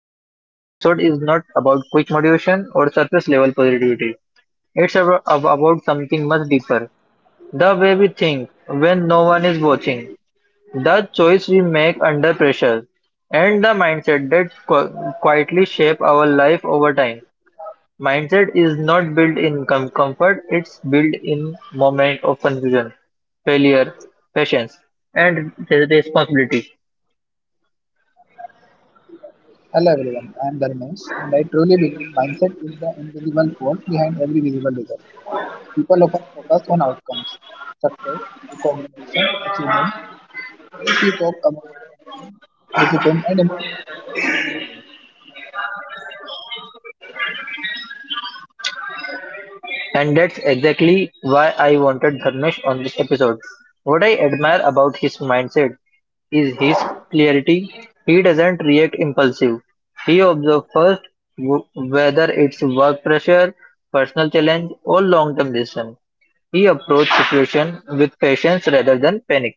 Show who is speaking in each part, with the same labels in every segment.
Speaker 1: and today's episode is not about quick motivation or surface level positivity. It's about something much deeper: the way we think when no one is watching, the choice we make under pressure, and the mindset that quietly shape our life over time. Mindset is not built in comfort, it's built in moment of confusion, failure, patience, and responsibility.
Speaker 2: Hello everyone, I am Dharmesh and I truly believe mindset is the invisible force behind every visible result. People often focus on outcomes, success, recognition, achievement, but very few talk about the thinking, discipline and emotional control that we give.
Speaker 1: And that's exactly why I wanted Dharmesh on this episode. What I admire about his mindset is his clarity. He doesn't react impulsive. He observes first whether it's work pressure, personal challenge, or long-term decision. He approaches situation with patience rather than panic.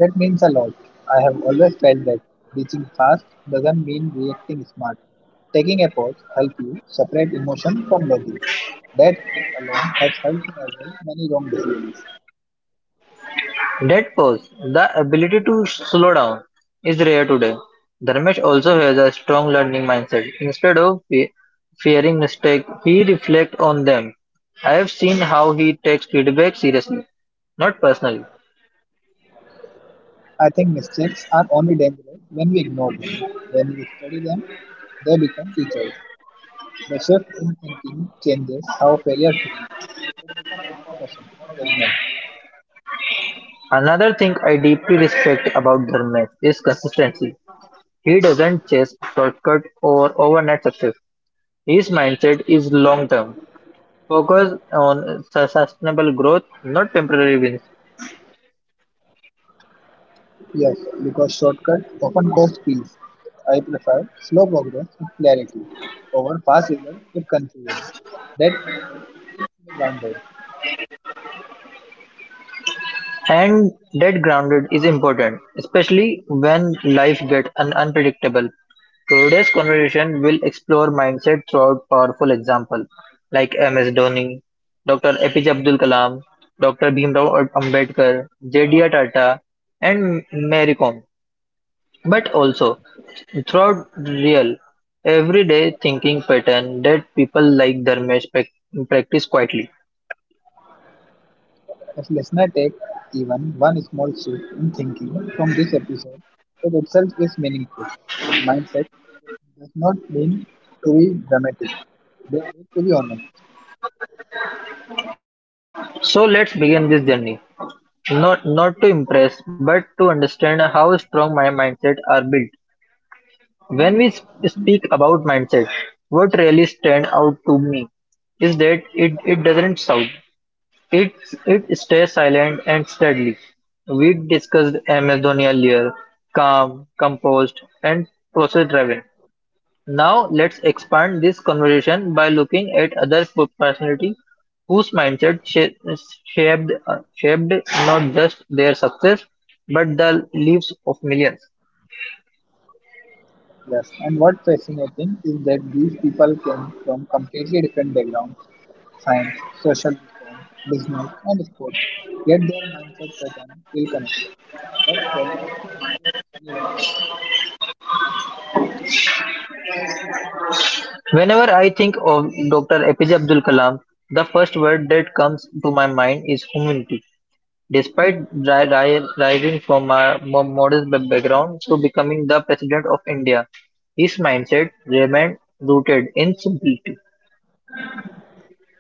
Speaker 2: That means a lot. I have always felt that reaching fast doesn't mean reacting smart. Taking a pause helps you separate emotion from logic. That habit alone has helped me avoid many wrong decisions.
Speaker 1: Dead pause, the ability to slow down, is rare today. Dharmesh also has a strong learning mindset. Instead of fearing mistakes, he reflects on them. I have seen how he takes feedback seriously, not personally.
Speaker 2: I think mistakes are only dangerous when we ignore them. When we study them, they become teachers. The shift in thinking changes how failure feels. It becomes information, not judgment.
Speaker 1: Another thing I deeply respect about Dharmesh is consistency. He doesn't chase shortcut or overnight success. His mindset is long term, focused on sustainable growth, not temporary wins.
Speaker 2: Yes, because shortcut often costs peace. I prefer slow progress with clarity over fast results with confusion. That mindset keeps me grounded.
Speaker 1: And that grounded is important, especially when life gets unpredictable. Today's conversation will explore mindset throughout powerful examples like MS Dhoni, Dr. APJ Abdul Kalam, Dr. Bhimrao Ambedkar, JDR Tata, and Mary Kom. But also throughout real, everyday thinking pattern that people like Dharmesh practice quietly.
Speaker 2: If listener take even one small shift in thinking from this episode, it itself is meaningful. Mindset does not mean to be dramatic. They need to be honest.
Speaker 1: So let's begin this journey. Not to impress, but to understand how strong my mindset are built. When we speak about mindset, what really stand out to me is that it doesn't shout. It it stays silent and steadily. We discussed Amazon earlier, calm, composed, and process driven. Now let's expand this conversation by looking at other personalities whose mindset shaped not just their success but the lives of millions.
Speaker 2: Yes. And what fascinating is that these people came from completely different backgrounds, science, social reform, business and sports. Yet their mindset pattern still connected. That tells us mindset is universal.
Speaker 1: Whenever I think of Dr. APJ Abdul Kalam, the first word that comes to my mind is humanity. Despite rising from a modest background to becoming the president of India, his mindset remained rooted in simplicity.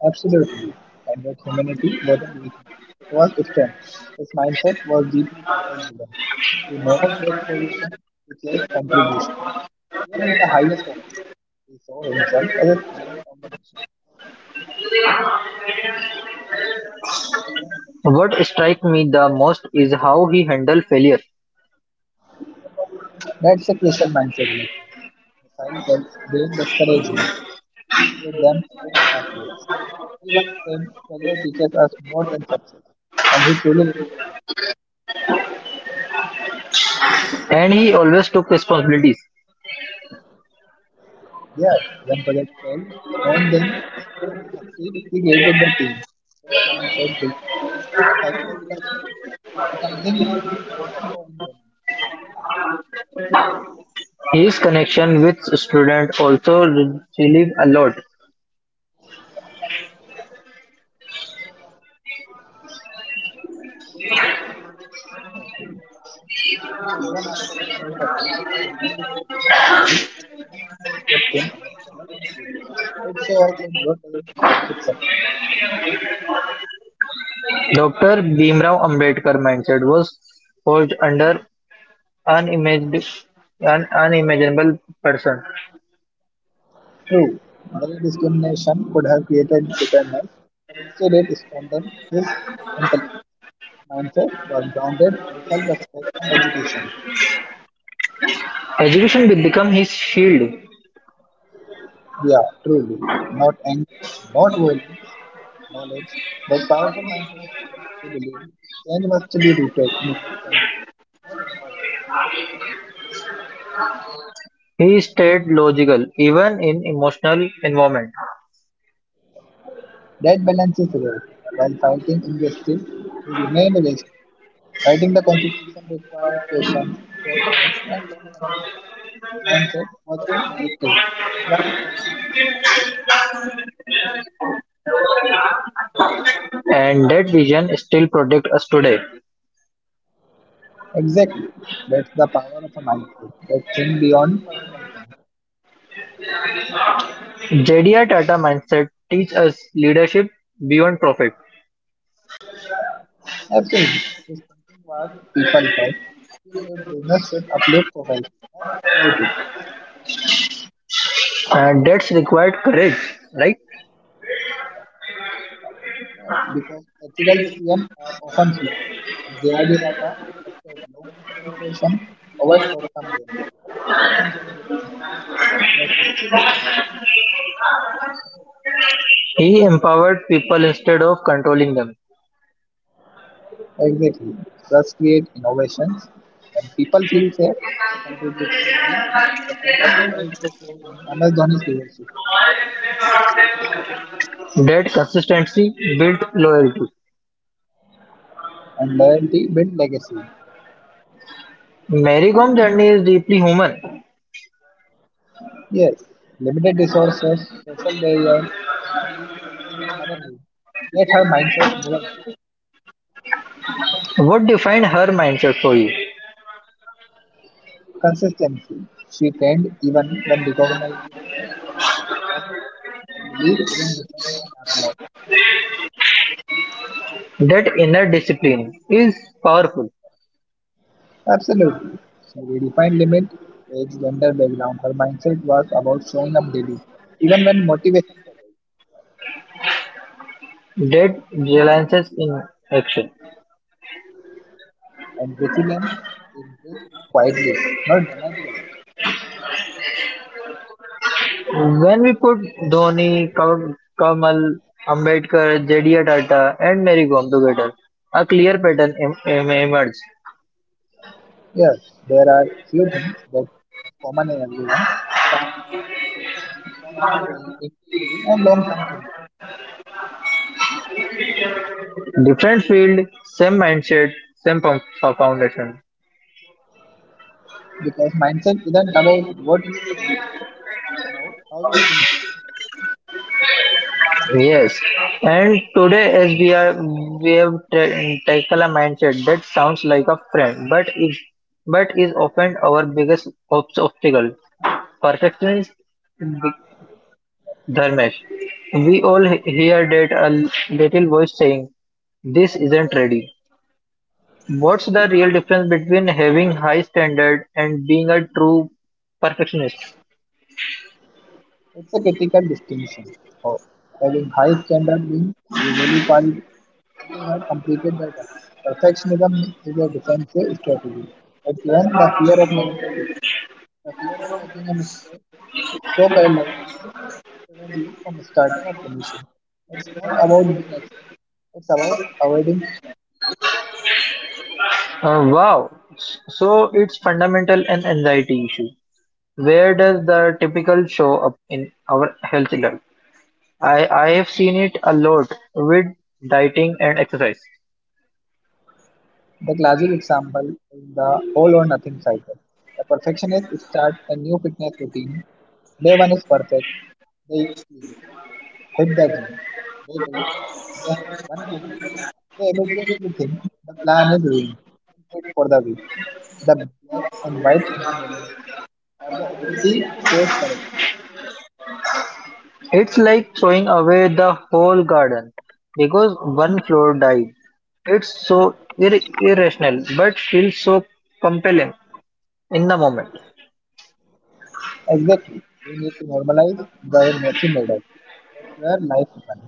Speaker 2: Absolutely. And that humanity wasn't weakness, it was strength. His mindset was deeply purpose driven. He never chased position, he chased contribution. Even at the highest office, he saw himself as a servant of the nation.
Speaker 1: What struck me the most is how he handled failure,
Speaker 2: That's a Christian mindset lesson. Missile girls didn't discourage him, he treated them as a data point. He once said, "Failure teaches us more than success," and he truly lived.
Speaker 1: and he always took responsibilities.
Speaker 2: Yes, when projects fail, he owned them. When they succeed, he created the team. That mindset built trust and psychological safety, something we also saw in them.
Speaker 1: His connection with students also relieved a lot.
Speaker 2: Definitely, even after becoming president, he remained a student at heart. The learning mindset kept him adaptable and curious. It shows that growth doesn't stop with success.
Speaker 1: Dr. Bhimrao Ambedkar mindset was forged under unimagined, an unimaginable person.
Speaker 2: True, many discrimination could have created bitterness, but instead it strengthened his intellect. His mindset was grounded in self-respect and education.
Speaker 1: Education did become his shield.
Speaker 2: Yeah, truly. Not anger, not violence, knowledge, but powerful mindset says to believe change must be rooted in understanding, not impulse.
Speaker 1: He stayed logical even in emotional environment,
Speaker 2: That balance is rare. While fighting injustice, we remain rational. Fighting the constitution required patience, fairness, and long-term thinking. This mindset wasn't reactive; it was visionary.
Speaker 1: and that vision still protects us today.
Speaker 2: Exactly. That's the power of a mindset that think beyond personal pain.
Speaker 1: JDR Tata mindset teaches us leadership beyond profit.
Speaker 2: Absolutely. This thinking was people first. He believed business should uplift society, not exploit it.
Speaker 1: And that's required courage, right?
Speaker 2: Yeah, because ethical decisions are often slower, but JRD Tata trusted long-term reputation over short-term gain. That mindset built institutions that still stand strong.
Speaker 1: He empowered people instead of controlling them.
Speaker 2: Exactly. Trust creates innovations. When people feel safe, they contribute freely. The pattern will also show in MS Dhoni's leadership,
Speaker 1: That consistency built loyalty.
Speaker 2: and loyalty builds legacy.
Speaker 1: Mary Gom's journey is deeply human.
Speaker 2: Yes, limited resources, social barriers, injuries, and even motherhood. Yet her mindset never moved.
Speaker 1: What defined her mindset for you?
Speaker 2: Consistency. She trained even when recognition was absent. Her belief didn't depend on applause.
Speaker 1: That inner discipline is powerful.
Speaker 2: Absolutely. She redefined limit, age, gender, background. Her mindset was about showing up daily, even when motivation failed.
Speaker 1: That reliance in action.
Speaker 2: And resilience is built quietly, not dramatically.
Speaker 1: When we put Dhoni, Kamal, Ambedkar, J.D. Tata, and Mary Gom together, a clear pattern emerged.
Speaker 2: Yes, there are few things that is common in everyone: calmness, patience, responsibility, integrity, and long term thinking.
Speaker 1: Different field, same mindset, same foundation.
Speaker 2: Because mindset isn't about what you do, it's about how you think.
Speaker 1: Yes, and today as we are we have tackle a mindset that sounds like a friend, but is often our biggest obstacle. Perfectionist B- Dharmesh. We all hear that a little voice saying, "This isn't ready." What's the real difference between having high standard and being a true perfectionist?
Speaker 2: It's a critical distinction. Of having high standard means you value quality and you have completed the task. Perfectionism is a defensive strategy. It's when the fear of negative judgment, the fear of making a mistake, is so paralyzing that it prevents you from starting or finishing. It's not about being excellent, it's about avoiding shame.
Speaker 1: Wow. So it's fundamental an anxiety issue. Where does the typical show up in our health life? I have seen it a lot with dieting and exercise.
Speaker 2: The classic example is the all or nothing cycle. A perfectionist starts a new fitness routine. Day one is perfect, they eat clean. Hibachi, bottle, they have one cookie, they immediately think the plan is ruined and quit for the week. The black and white thinking element are the ability to course correct.
Speaker 1: It's like throwing away the whole garden because one flower died. It's so irrational but feels so compelling in the moment.
Speaker 2: Exactly. We need to normalize the messy middle. That's where life happens.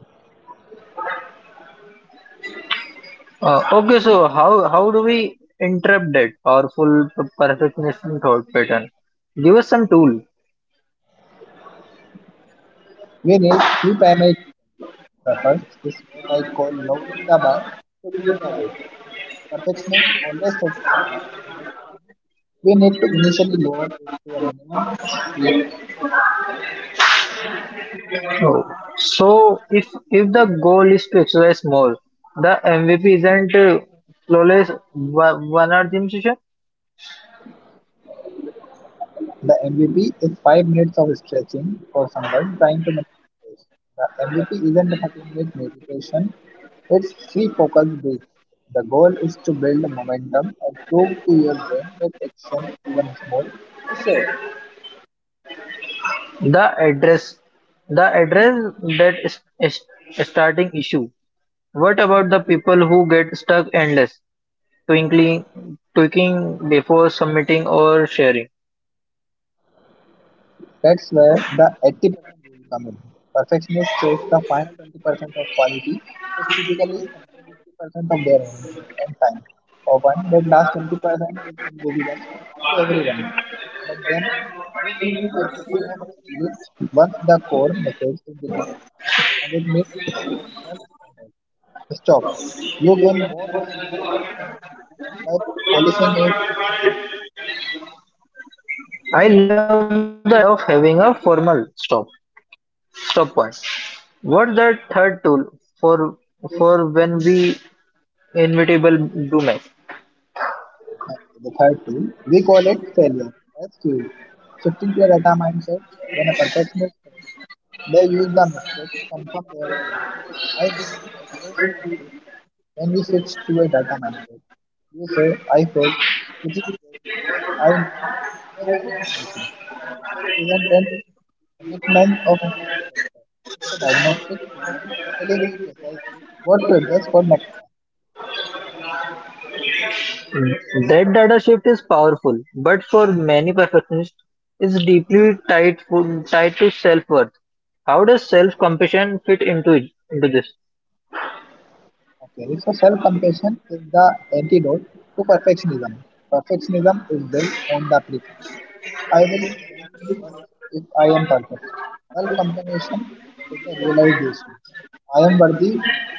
Speaker 1: Okay, so how do we interrupt that powerful perfectionism thought pattern? Give us some tool.
Speaker 2: We need three primary needs. The first is what I call lowering the bar to move the weight. Perfectionists always set the bar at 100%. We need to initially lower it to a minimum viable product.
Speaker 1: Oh, so if the goal is to exercise more, the MVP isn't flawless 1 hour gym session.
Speaker 2: The MVP is 5 minutes of stretching for someone trying to manage stress. The MVP isn't a 30-minute meditation, it's three focused breaths. The goal is to build momentum and prove to your brain that action, even small, is safe.
Speaker 1: The address, the address that is a starting issue. What about the people who get stuck endless, twinkling, tweaking before submitting or sharing?
Speaker 2: That's where the 80% rule comes in. Perfectionists chase the final 20% of quality, which typically consume 80% of their energy and time. Often, that last 20% is invisible to everyone, but then they need a good enough checklist. Once the core message is delivered, and it meets your functional standards, stop. You gain more by moving on than by polishing it.
Speaker 1: I love the idea of having a formal stop point. What's the third tool for when we inevitable do mess?
Speaker 2: The third tool, we call it failure as fuel. Shifting to a data mindset, when a perfectionist fails, they use the mistake to confirm their fear. I knew I couldn't do this. When we switch to a data mindset, you say, "I failed, which is good because I now have new information." The mistake isn't an indictment of your character. It's a diagnostic tool telling you precisely what to adjust for next time.
Speaker 1: That data shift is powerful, but for many perfectionists, it's deeply tied to self-worth. How does self-compassion fit into this?
Speaker 2: Okay, so self-compassion is the antidote to perfectionism. Perfectionism is built on the premise I will only work if I am perfect. Self-compassion is the realization I am worthy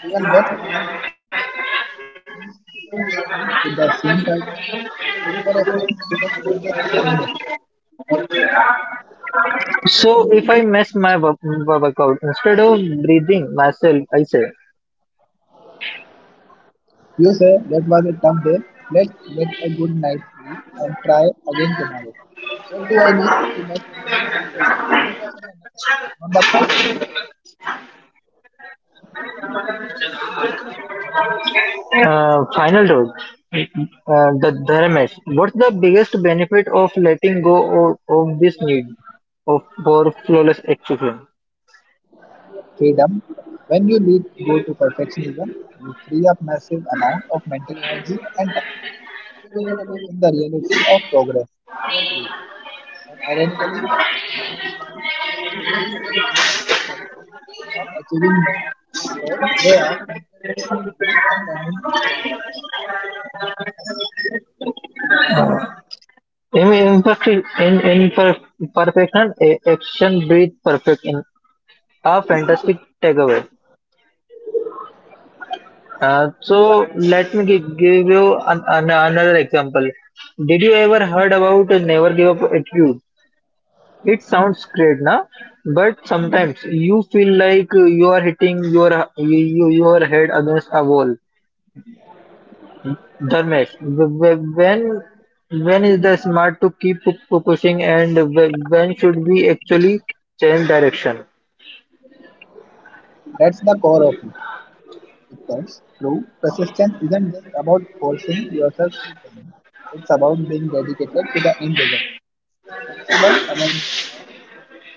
Speaker 2: even when I am flawed. It means treating yourself with the same kindness you would offer a friend who just made the same mistake.
Speaker 1: So if I mess my workout, instead of breathing myself, I say,
Speaker 2: You say that was a tough day. Let's get a good night's sleep and try again tomorrow. What do I need to make tomorrow easier? You focus on the next step, not the past.
Speaker 1: final road, the dharmesh. What's the biggest benefit of letting go of this need of for flawless execution?
Speaker 2: Freedom. When you leave go to perfectionism, you free up massive amount of mental energy and time. You get to live in the reality of progress over proof. And ironically, the people who are willing to be imperfect often end up achieving more because they are constantly moving and learning daily.
Speaker 1: In imperfection, action breathe perfect in a fantastic takeaway. So let me give you another example. Did you ever heard about a never give up attitude? It sounds great, na? But sometimes you feel like you are hitting your your head against a wall. Dharmesh, when is the smart to keep pushing and when should we actually change direction?
Speaker 2: That's the core of it. Because true persistence isn't just about forcing yourself through pain. It's about being dedicated to the end result, but flexible about the how.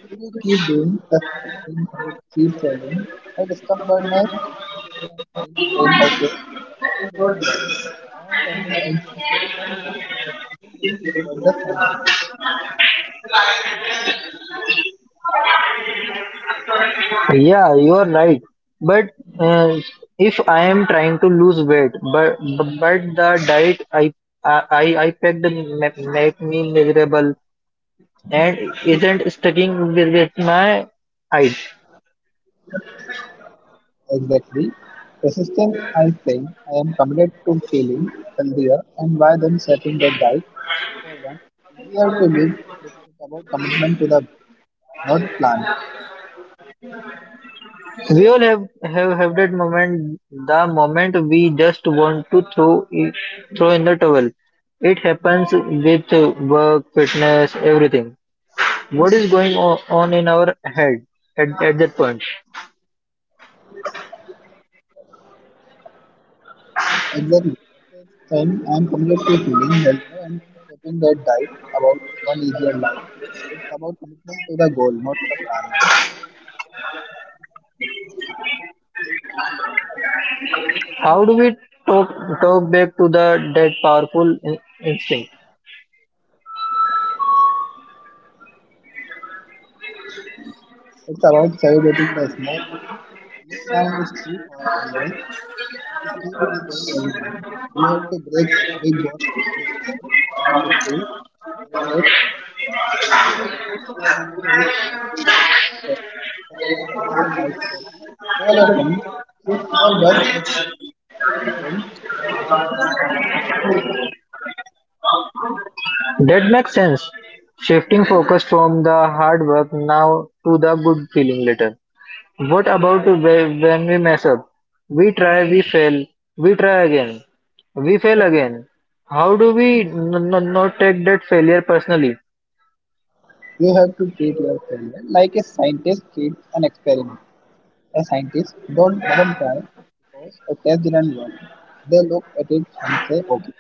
Speaker 2: If you keep doing the same thing and it keeps failing, the discomfortness, persistence means saying, okay, this one didn't work. I am turning out to a different one, but I am still going toward the same city.
Speaker 1: Yeah, you are right. But uh, if I am trying to lose weight, but the diet I picked make me miserable and isn't sticking with my height.
Speaker 2: Exactly. Resistance, I think, I am committed to feeling healthier and why then shaping that diet for one easier to live with is about commitment to the goal, not plan.
Speaker 1: We all have, have that moment, the moment we just want to throw throw in the towel. It happens with work, fitness, everything. What is going on in our head at that point?
Speaker 2: Exactly. And I am committed to feeling healthier and then shaping that diet about one easier life. It's about commitment to the goal, not the plan.
Speaker 1: How do we talk, talk back to the that powerful instinct?
Speaker 2: It's about celebrating the small wins. The finish line is too far away to keep you going every day. You have to break your big goals into small, tiny victories. Celebrate coffee skip your new habit for 3 days. Instead, celebrate just a nice coffee. Call a friend. This small burst of happiness from your brain. The part is working. Keep going.
Speaker 1: That makes sense. Shifting focus from the hard work now to the good feeling later. What about when we mess up? We try, we fail, we try again, we fail again. How do we not take that failure personally?
Speaker 2: You have to treat your failure like a scientist treats an experiment. A scientist don't doesn't try because a test didn't work. They look at it and say, okay,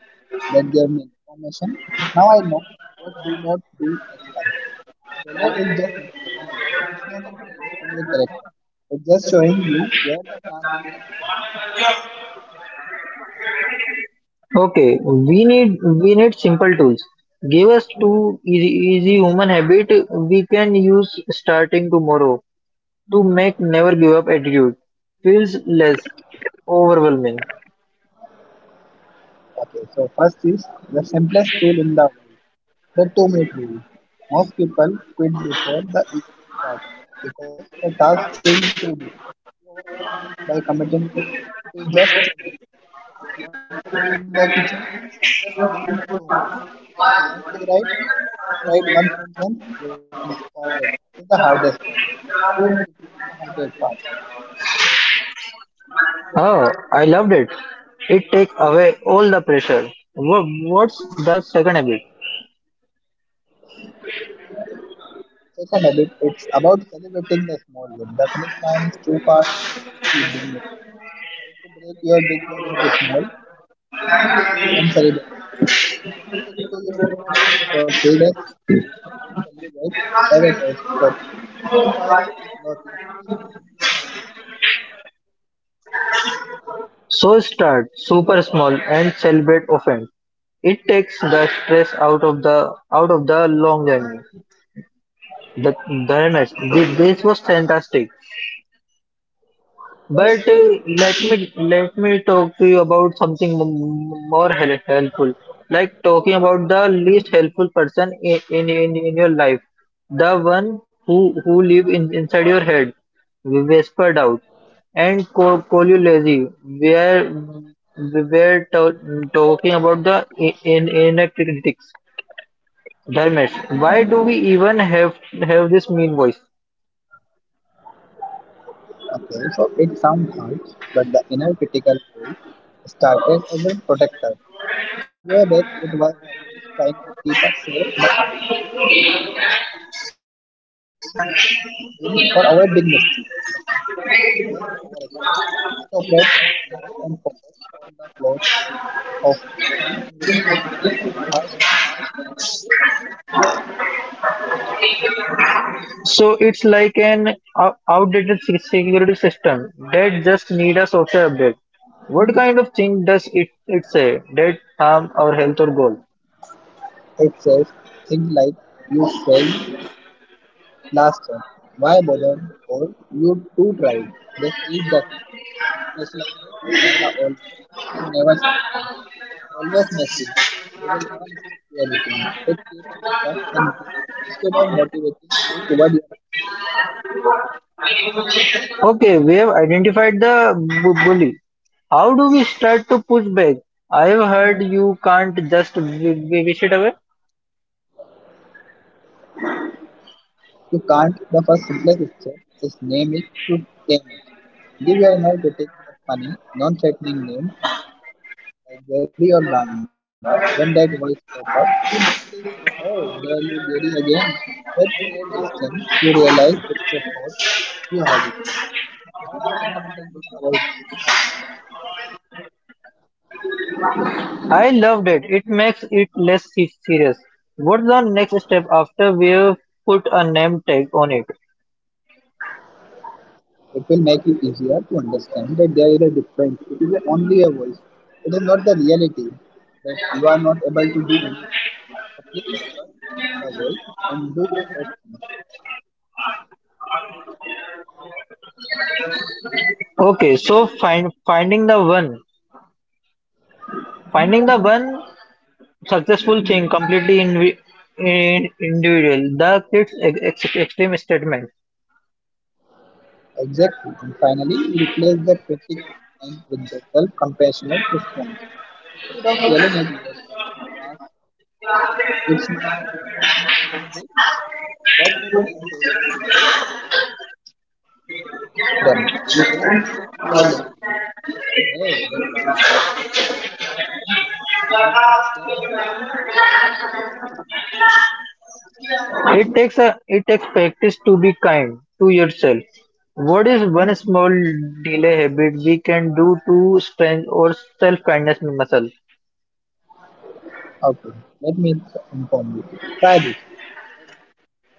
Speaker 2: that gave me information. Now I know what do not do next time. Failure is just information. It's not a grade on your character. It's just showing you where the plan is fixed.
Speaker 1: Okay, we need simple tools. Give us two easy, easy human habit we can use starting tomorrow. To make never give up attitude feels less overwhelming.
Speaker 2: Okay, so first is the simplest tool in the world, the two-minute rule. Most people quit before the event starts because the task seems too big. You overcome this by committing to just 2 minutes. If you want to clean the kitchen, just clean for 2 minutes. If you want to write, just write one sentence. Getting started is the hardest part. 2 minutes to build the hardest part.
Speaker 1: Oh, I loved it. It takes away all the pressure. Wha- What's the second habit?
Speaker 2: Second habit, it's about celebrating the small win. The finish line is too far away to keep doing it. Help to break your big goal into small, and replace and celebrate. If you stick to your new habit for 3 days, start celebrate, have a first copy. This part is working, keep going.
Speaker 1: So start super small and celebrate often. It takes the stress out of the long journey. The, the next, this was fantastic. But let me talk to you about something more helpful, like talking about the least helpful person in your life, the one who live inside your head, whispered out, and call you lazy. We were talking about the in inner critics, Dharmesh. Why do we even have this mean voice?
Speaker 2: Okay, so it sounds hard, but the inner critical voice started as a protector. Way back, it was the voice trying to keep us safe by mistaking convention has fit in or avoid big mistakes, but today it just overactive. It operates on fear and focus on the flaws, often using languages you heard from a harsh parent or teacher. You are away.
Speaker 1: So it's like an outdated security system that just need a software update. What kind of thing does it say that harm our health or goal?
Speaker 2: It says things like you failed. Last thought, why bother or you two tried? Just eat the cake. It specializes in the always and never statement. You always messy. You will never stick to a routine. It keeps you stuck and guilt instead of motivating you toward your action.
Speaker 1: Okay, we have identified the bully. How do we start to push back? I have heard you can't just wish it away.
Speaker 2: You can't. The first simplest step is name it to tame it. Give your inner critic a funny, non-threatening name like Gary or Banga. When that voice pop up, we mostly say, "Oh, there you Gary again." That creates distance. You realize it's a thought you have it. Not a fundamental truth about it.
Speaker 1: I loved it. It makes it less serious. What's the next step after we have put a name tag on it?
Speaker 2: It will make it easier to understand that there is a difference. It is only a voice. It is not the reality that you are not able to do anything. So please focus on the voice and do the best. Thing.
Speaker 1: Okay, so finding the one. Finding the one successful thing completely individual. The kids extreme statement.
Speaker 2: Exactly. And finally, we replace the critic and with the self-compassionate response. Instead of yelling at yourself, you ask, "It's my best friend can tell me this. What would I say to them?" You wouldn't say you are lazy. You say, "Hey, that was hard. Let's try again tomorrow. You deserve the same time."
Speaker 1: It takes a it takes practice to be kind to yourself. What is one small daily habit we can do to strengthen our self kindness muscle?
Speaker 2: Okay, let me inform you. Try this.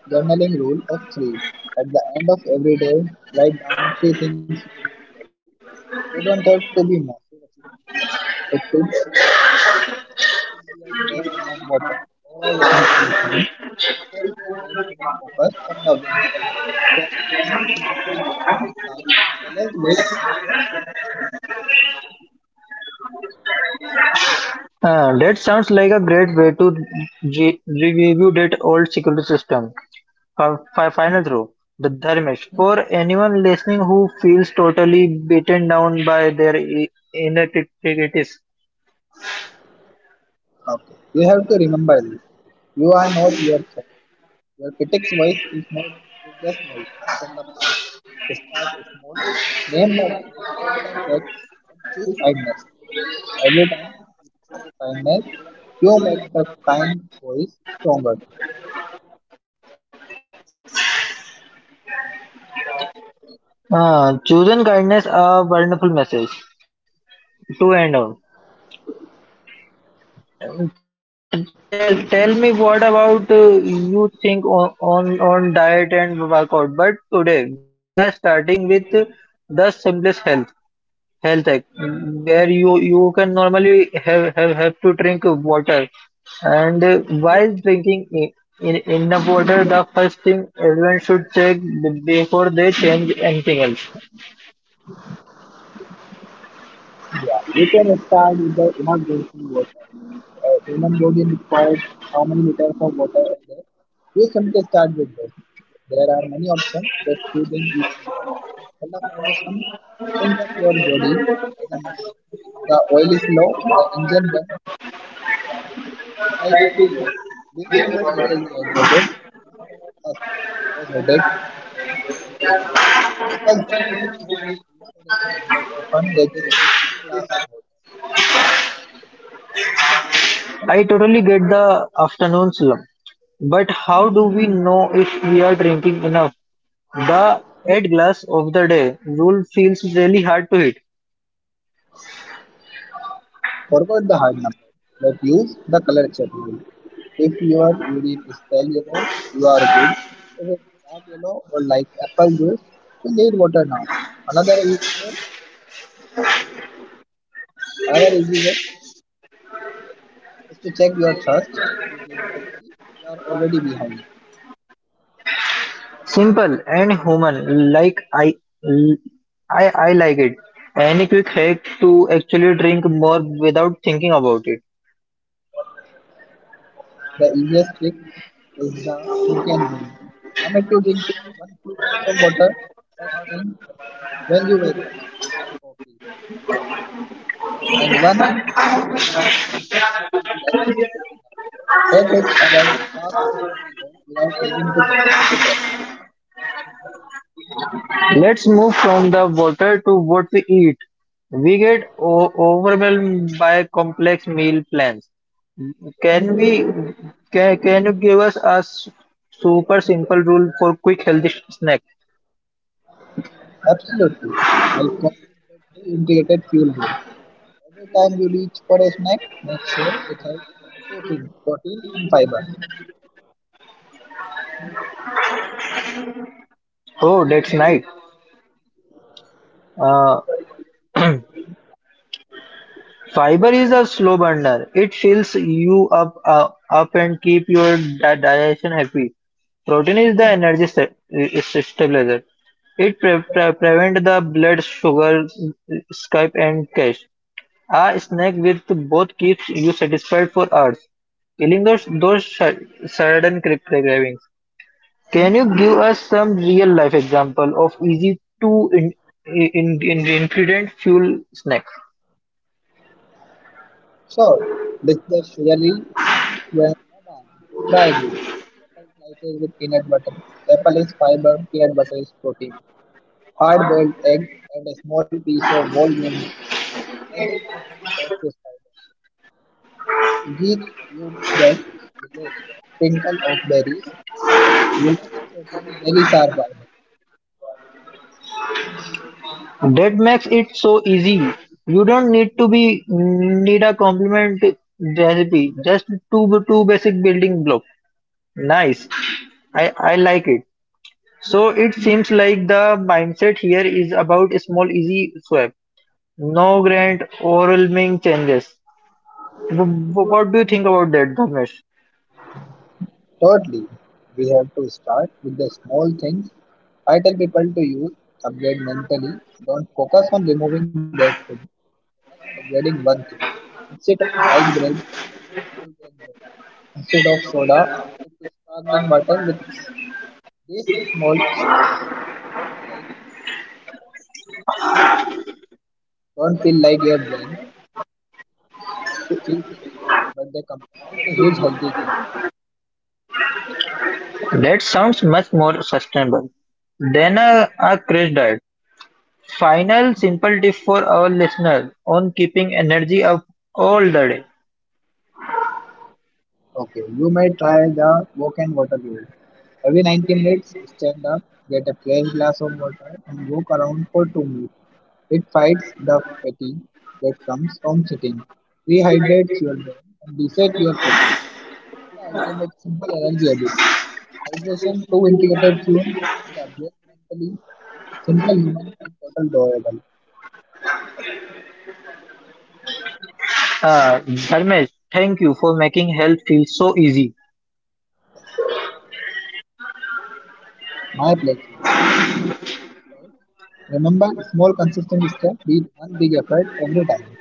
Speaker 2: Journaling rule of three. At the end of every day, write down three things you did well. They don't have to be massive achievements. It could be I drank enough water or I listened to a song. It helps your brain to be focused on the wins. Challenge it to listen, to be kind, balance weight instead of critical.
Speaker 1: That sounds like a great way to review that old security system. Final through the dharmesh for anyone listening who feels totally beaten down by their inadequacies.
Speaker 2: Okay. You have to remember this. You are not your thoughts. Your critic's voice is not is just noise from the past. Start small, name the voice, check the fact, and choose kindness. Every time you choose kindness, you make the kind voice stronger.
Speaker 1: Chosen kindness a wonderful message to end on. Tell me what about you think on, on diet and workout, but today we are starting with the simplest health health tech where you can normally have to drink water and while drinking enough water the first thing everyone should check before they change anything else.
Speaker 2: Yeah, you can start with the enough drinking water. Human body requires how many liters of water a day? You simply start with that. There are many options that you think you can work. For the foundation, think of your body as a machine. If the oil is low, the engine runs slightly low. Being just a little dehydrated, which most of us are, cause headache, brain, fog, and fatigue. People think they need caffeine or a snack, but often they just need two glass of water.
Speaker 1: I totally get the afternoon slump, but how do we know if we are drinking enough the 8 glass of the day rule feels really hard to hit.
Speaker 2: Forget the hard number, but use the color check rule. If your urine is pale yellow, you are good. If it's dark yellow or like apple juice, you need water now. Another easy way, another easy way is to check your thirst. If you feel thirsty, you are already behind.
Speaker 1: Simple and human, like I like it. Any quick hack to actually drink more without thinking about it?
Speaker 2: The easiest trick is the bookend rule. Commit to drinking one full glass of water first thing when you wake up before coffee, and one 3 hours break before you eat lunch and dinner. That takes about half your daily work without having to constantly prep.
Speaker 1: Let's move from the water to what we eat. We get overwhelmed by complex meal plans. Can we? Can you give us a super simple rule for quick healthy snack?
Speaker 2: Absolutely. I call it the two integrated fuel rule. Every time you reach for a snack, make sure it has two things, protein and fiber.
Speaker 1: Oh, that's nice. Uh, Fiber is a slow burner; it fills you up up and keep your digestion happy. Protein is the energy stabilizer; it prevents the blood sugar spike and crash. A snack with both keeps you satisfied for hours, killing those sudden cravings. Can you give us some real life example of easy to in ingredient fuel snacks?
Speaker 2: So, with the sugary, well, try this. Apple slices with peanut butter. Apple is fiber, peanut butter is protein. Hard boiled egg and a small piece of whole grain Digestate softest fiber. Geek means that village. Sprinkle of berries. Village berries are fiber.
Speaker 1: That makes it so easy. You don't need to be need a complement recipe. Just two basic building blocks. Nice. I like it. So it seems like the mindset here is about a small easy swap. No grand overwhelming changes. What do you think about that, Dharmesh?
Speaker 2: Thirdly, we have to start with the small things. I tell people to use upgrade mentally. Don't focus on removing that food. Focus on upgrading one thing. Instead of white bread, upgrade to whole grain bread. Instead of soda, upgrade to sparkling water with lemon. This small shift don't feel like don't feel like your brain. So, feel sacrificed, but the compound into huge healthy gain.
Speaker 1: That sounds much more sustainable than a crash diet. Final simple tip for our listeners on keeping energy up all the day.
Speaker 2: Okay, you may try the walk and water rule. Every 90 minutes, stand up, get a fresh glass of water, and walk around for 2 minutes. It fights the fatigue that comes from sitting, rehydrates your brain, and resets your focus. It's the ultimate simple energy habit. Hydration, two integrated fuel, and the upgrade mentally. Simple human and total doable.
Speaker 1: Dharmesh, thank you for making health feel so easy.
Speaker 2: My pleasure. Remember, small consistent step beat one big effort every time.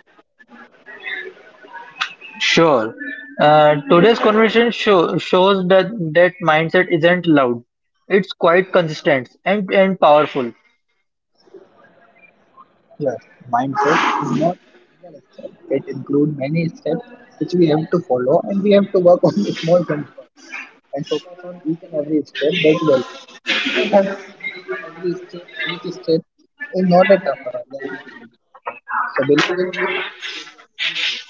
Speaker 1: Sure. Today's conversation shows that mindset isn't loud. It's quite consistent and powerful.
Speaker 2: Here, mindset is not a single step. It includes many steps which we have to follow and we have to work on the small things first and focus on each and every step that you like. You don't have to panic in every step. Each step is not a tougher than you think. So believe in you, believe in your inner voice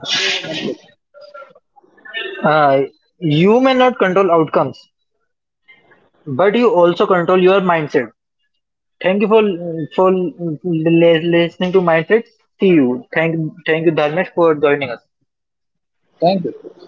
Speaker 2: and do your one thing.
Speaker 1: Uh, you may not control outcomes, but you also control your mindset. Thank you for listening to mindset. See you. Thank you, Dharmesh, for joining us.
Speaker 2: Thank you.